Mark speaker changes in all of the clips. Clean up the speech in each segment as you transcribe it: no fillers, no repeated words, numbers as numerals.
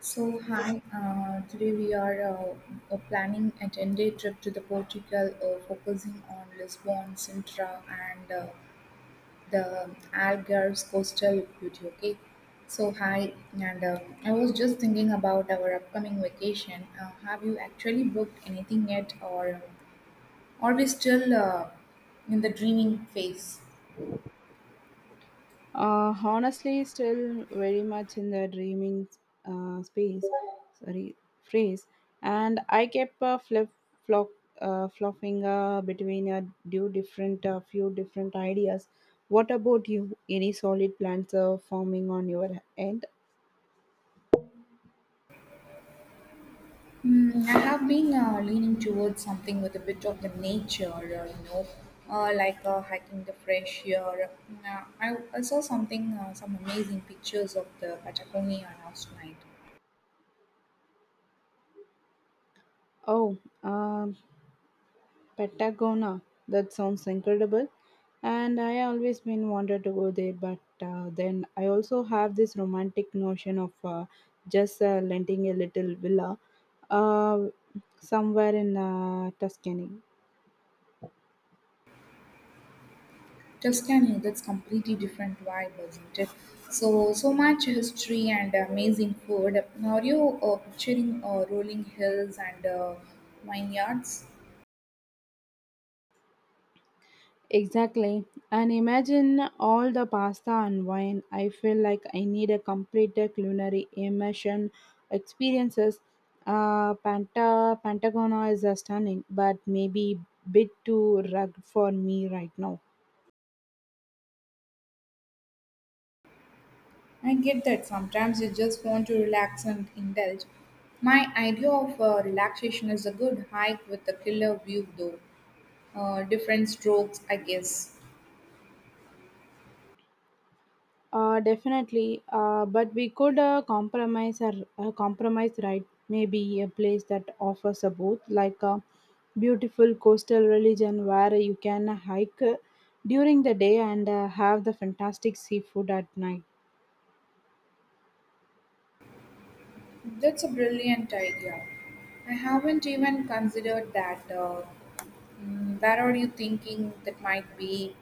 Speaker 1: So, hi, today we are planning a 10-day trip to the Portugal, focusing on Lisbon, Sintra, and the Algarve's coastal beauty. Okay, so hi, and I was just thinking about our upcoming vacation. Have you actually booked anything yet, or are we still in the dreaming phase?
Speaker 2: Honestly, still very much in the dreaming space, sorry, phrase. And I kept flip flop flopping between a few different ideas. What about you? Any solid plans forming on your end?
Speaker 1: Mm, I have been leaning towards something with a bit of the nature, like hiking the fresh air. I saw something, some amazing pictures of the Patagonia last night.
Speaker 2: Oh, Patagonia. That sounds incredible. And I always been wanted to go there, but then I also have this romantic notion of just renting a little villa uh, somewhere in Tuscany.
Speaker 1: Tuscany, that's completely different vibe, isn't it? So much history and amazing food. Are you picturing rolling hills and vineyards?
Speaker 2: Exactly. And imagine all the pasta and wine. I feel like I need a complete culinary immersion experiences. Pantagona is stunning, but maybe bit too rugged for me right now.
Speaker 1: I get that sometimes you just want to relax and indulge. My idea of relaxation is a good hike with a killer view, though. Different strokes, I guess.
Speaker 2: Definitely, but we could compromise, right? Maybe a place that offers a both, like a beautiful coastal religion where you can hike during the day and have the fantastic seafood at night.
Speaker 1: That's a brilliant idea. I haven't even considered that. Where are you thinking that might be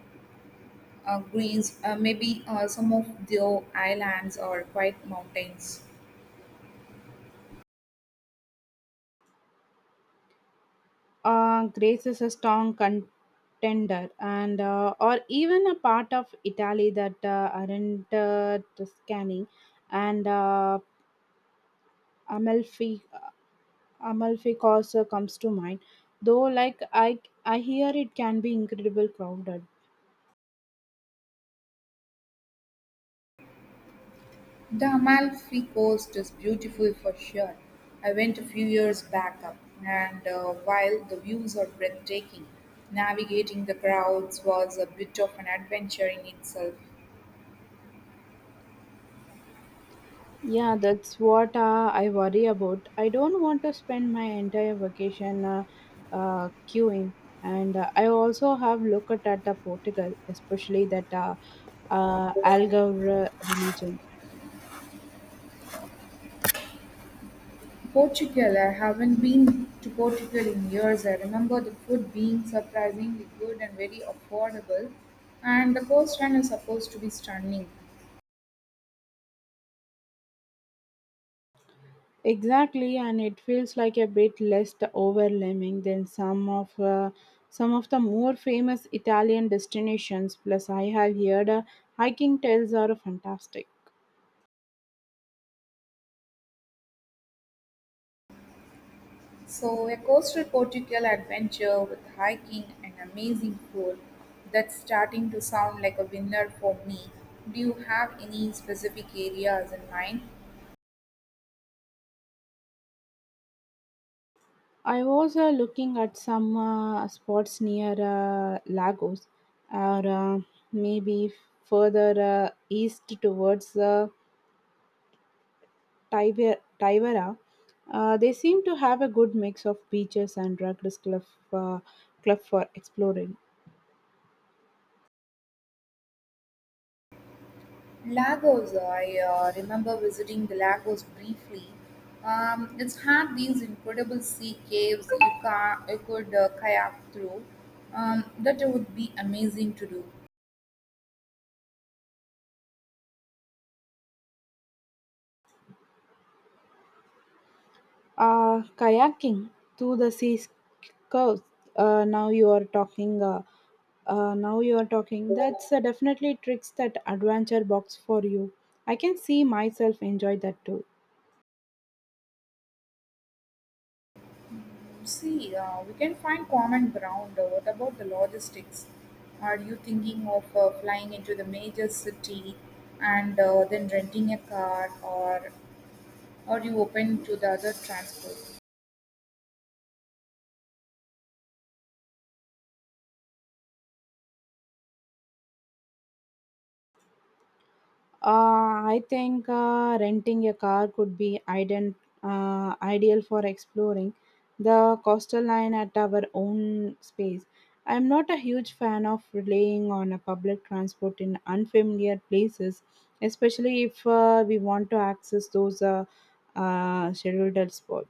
Speaker 1: Greece, maybe some of the islands or quiet mountains?
Speaker 2: Greece is a strong contender, and or even a part of Italy that aren't Tuscany and Amalfi Amalfi Coast comes to mind, though like I hear it can be incredible crowded.
Speaker 1: The Amalfi Coast is beautiful for sure. I went a few years back up, and while the views are breathtaking, navigating the crowds was a bit of an adventure in itself.
Speaker 2: Yeah, that's what I worry about. I don't want to spend my entire vacation queuing, and I also have looked at the Portugal, especially that Algarve religion.
Speaker 1: Portugal, I haven't been to Portugal in years. I remember the food being surprisingly good and very affordable, and the coastline is supposed to be stunning.
Speaker 2: Exactly, and it feels like a bit less the overwhelming than some of the more famous Italian destinations. Plus, I have heard hiking trails are fantastic.
Speaker 1: So, a coastal Portugal adventure with hiking and amazing food that's starting to sound like a winner for me. Do you have any specific areas in mind?
Speaker 2: I was looking at some spots near Lagos, or maybe further east towards Tibera. They seem to have a good mix of beaches and rugged cliff, uh, cliff for exploring.
Speaker 1: Lagos, I remember visiting the Lagos briefly. It's had these incredible sea caves you could kayak through. That would be amazing to do.
Speaker 2: Kayaking to the sea coast. Uh, now you are talking. Uh, Now you are talking. That's definitely tricks that adventure box for you. I can see myself enjoy that too.
Speaker 1: See, we can find common ground. What about the logistics? Are you thinking of flying into the major city and then renting a car, or are you open to the other transport?
Speaker 2: I think renting a car could be ideal for exploring the coastal line at our own space. I'm not a huge fan of relying on a public transport in unfamiliar places, especially if we want to access those scheduled spots.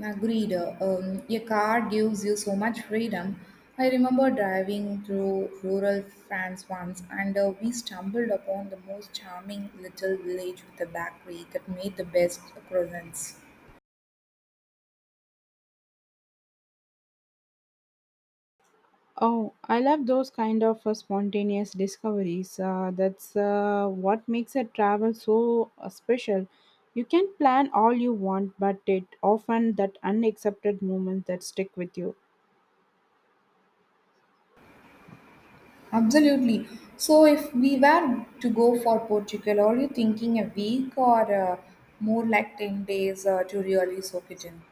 Speaker 1: Agreed. Um, a car gives you so much freedom. I remember driving through rural France once, and we stumbled upon the most charming little village with a bakery that made the best croissants.
Speaker 2: Oh, I love those kind of spontaneous discoveries. That's what makes a travel so special. You can plan all you want, but it often that unaccepted moment that stick with you.
Speaker 1: Absolutely. So, if we were to go for Portugal, are you thinking a week or more like 10 days to really soak it in?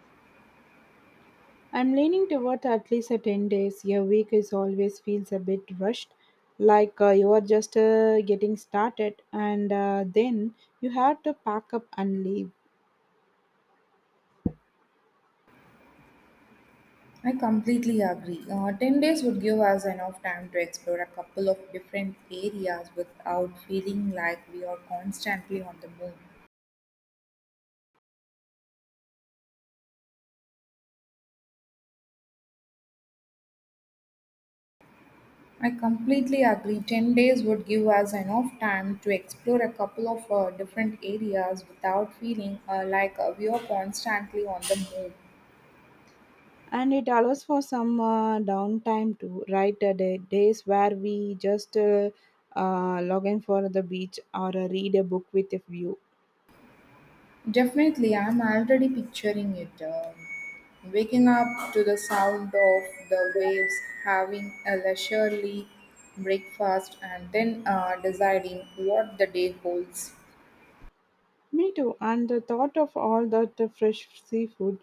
Speaker 2: I'm leaning toward at least a 10 days. Your week is always feels a bit rushed, like you are just getting started, and then you have to pack up and leave.
Speaker 1: I completely agree. 10 days would give us enough time to explore a couple of different areas without feeling like we are constantly on the move. I completely agree. 10 days would give us enough time to explore a couple of different areas without feeling like we are constantly on the move.
Speaker 2: And it allows for some downtime too, right? The days where we just log in for the beach or read a book with a view.
Speaker 1: Definitely, I'm already picturing it. Um, waking up to the sound of the waves, having a leisurely breakfast, and then deciding what the day holds.
Speaker 2: Me too, and the thought of all that fresh seafood,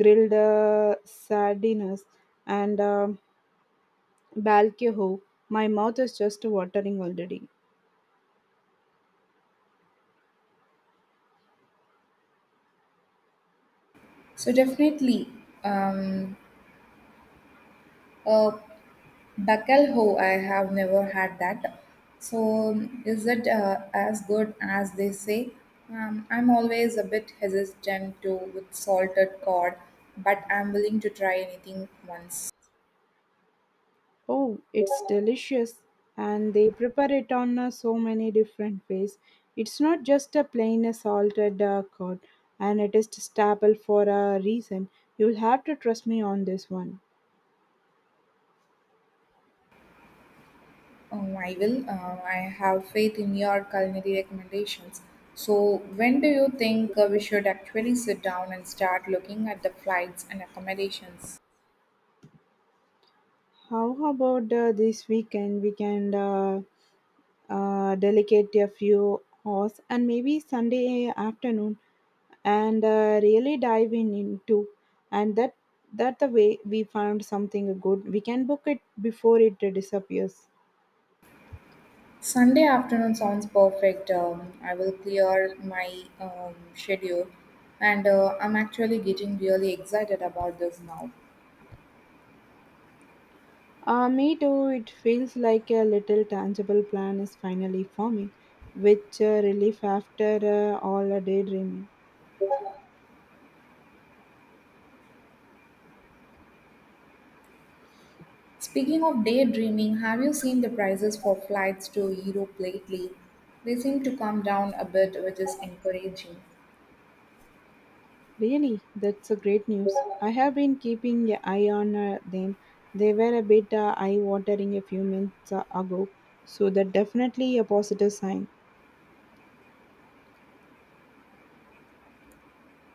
Speaker 2: grilled sardines and balcony, my mouth is just watering already.
Speaker 1: So, definitely, um, a bacalhau, I have never had that. So, is it as good as they say? I'm always a bit hesitant to with salted cod, but I'm willing to try anything once.
Speaker 2: Oh, it's delicious. And they prepare it on so many different ways. It's not just a plain salted curd, and it is staple for a reason. You'll have to trust me on this one.
Speaker 1: Oh, I will. I have faith in your culinary recommendations. So, when do you think we should actually sit down and start looking at the flights and accommodations?
Speaker 2: How about this weekend? We can delegate a few hours and maybe Sunday afternoon, and really dive in into, and that the way we found something good, we can book it before it disappears.
Speaker 1: Sunday afternoon sounds perfect. I will clear my schedule, and I'm actually getting really excited about this now.
Speaker 2: Me too, it feels like a little tangible plan is finally forming, which relief after all the daydreaming.
Speaker 1: Speaking of daydreaming, have you seen the prices for flights to Europe lately? They seem to come down a bit, which is encouraging.
Speaker 2: Really, that's a great news. I have been keeping an eye on them. They were a bit eye watering a few minutes ago, so that definitely a positive sign.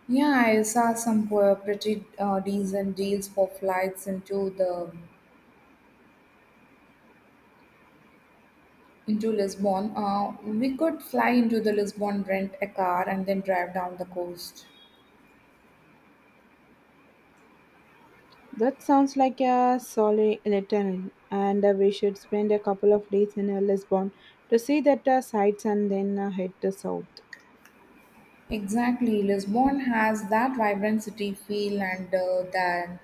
Speaker 1: Yeah, I saw pretty decent deals for flights into Lisbon. We could fly into the Lisbon, rent a car, and then drive down the coast.
Speaker 2: That sounds like a solid itinerary, and we should spend a couple of days in Lisbon to see that sights and then head to south.
Speaker 1: Exactly, Lisbon has that vibrant city feel, and then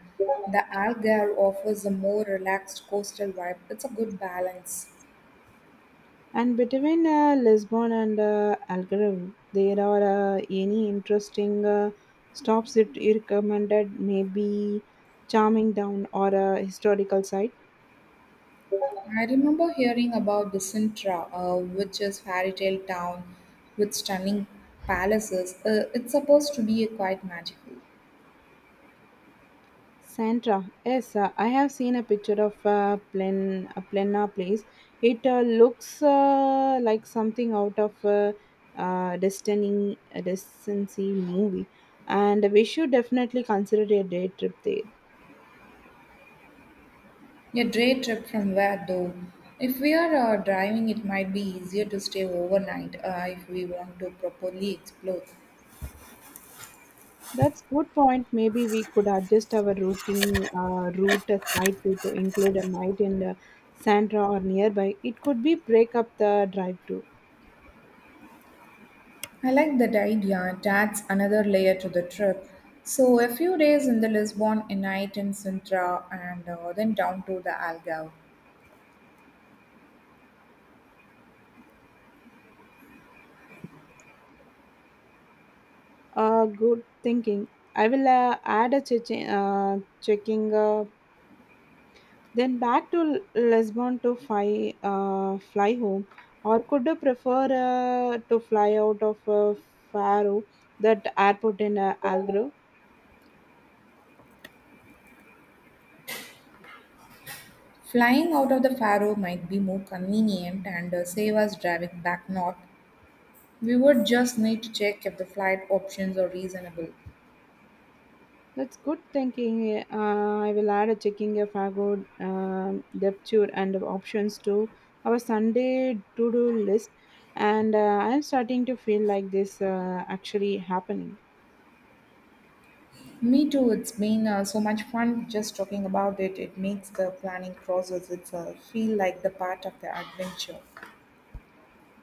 Speaker 1: the Algarve offers a more relaxed coastal vibe. It's a good balance.
Speaker 2: And between Lisbon and Algarve, there are any interesting stops that you recommended? Maybe charming down or a historical site?
Speaker 1: I remember hearing about the Sintra, which is fairy tale town with stunning palaces. It's supposed to be quite magical.
Speaker 2: Sandra, yes, I have seen a picture of Plena place. It looks like something out of a Destiny movie, and we should definitely consider a day trip there.
Speaker 1: Your day trip from where though? If we are driving, it might be easier to stay overnight if we want to properly explore.
Speaker 2: That's good point. Maybe we could adjust our routine route slightly to include a night in the Sandra or nearby. It could be break up the drive too.
Speaker 1: I like that idea. It adds another layer to the trip. So a few days in the Lisbon, a night in Sintra, and then down to the Algarve.
Speaker 2: Good thinking. I will add a checking. Then back to Lisbon to fly home, or could you prefer to fly out of Faro, that airport in Algarve?
Speaker 1: Flying out of the Faro might be more convenient and save us driving back north. We would just need to check if the flight options are reasonable.
Speaker 2: That's good thinking. I will add a checking of Fago depth and options to our Sunday to do list. And I'm starting to feel like this actually happening.
Speaker 1: Me too. It's been so much fun just talking about it. It makes the planning process itself feel like the part of the adventure.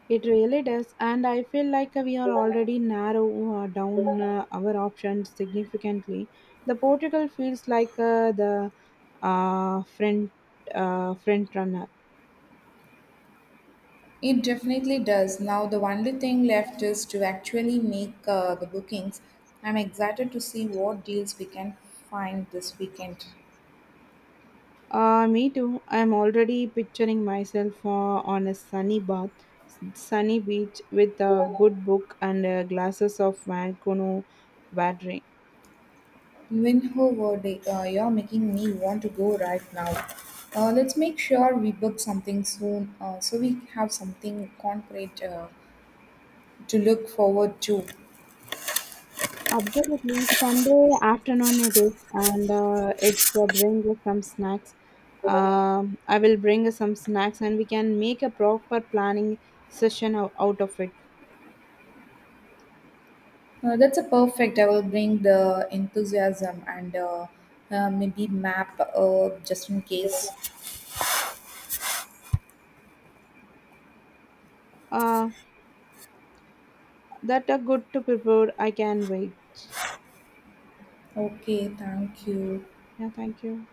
Speaker 2: It really does. And I feel like we are already narrow down our options significantly. The Portugal feels like the uh, front, front runner.
Speaker 1: It definitely does. Now, the only thing left is to actually make the bookings. I'm excited to see what deals we can find this weekend.
Speaker 2: Me too. I'm already picturing myself on a sunny beach with a good book and glasses of Vancouver watering.
Speaker 1: Whenever they, you're making me want to go right now. Let's make sure we book something soon so we have something concrete to look forward to.
Speaker 2: Absolutely. Sunday afternoon it is, and it's bring some snacks. I will bring some snacks and we can make a proper planning session out of it.
Speaker 1: That's a perfect. I will bring the enthusiasm and maybe map just in case.
Speaker 2: Uh, that are good to prepare. I can wait.
Speaker 1: Okay, thank you.
Speaker 2: Yeah, thank you.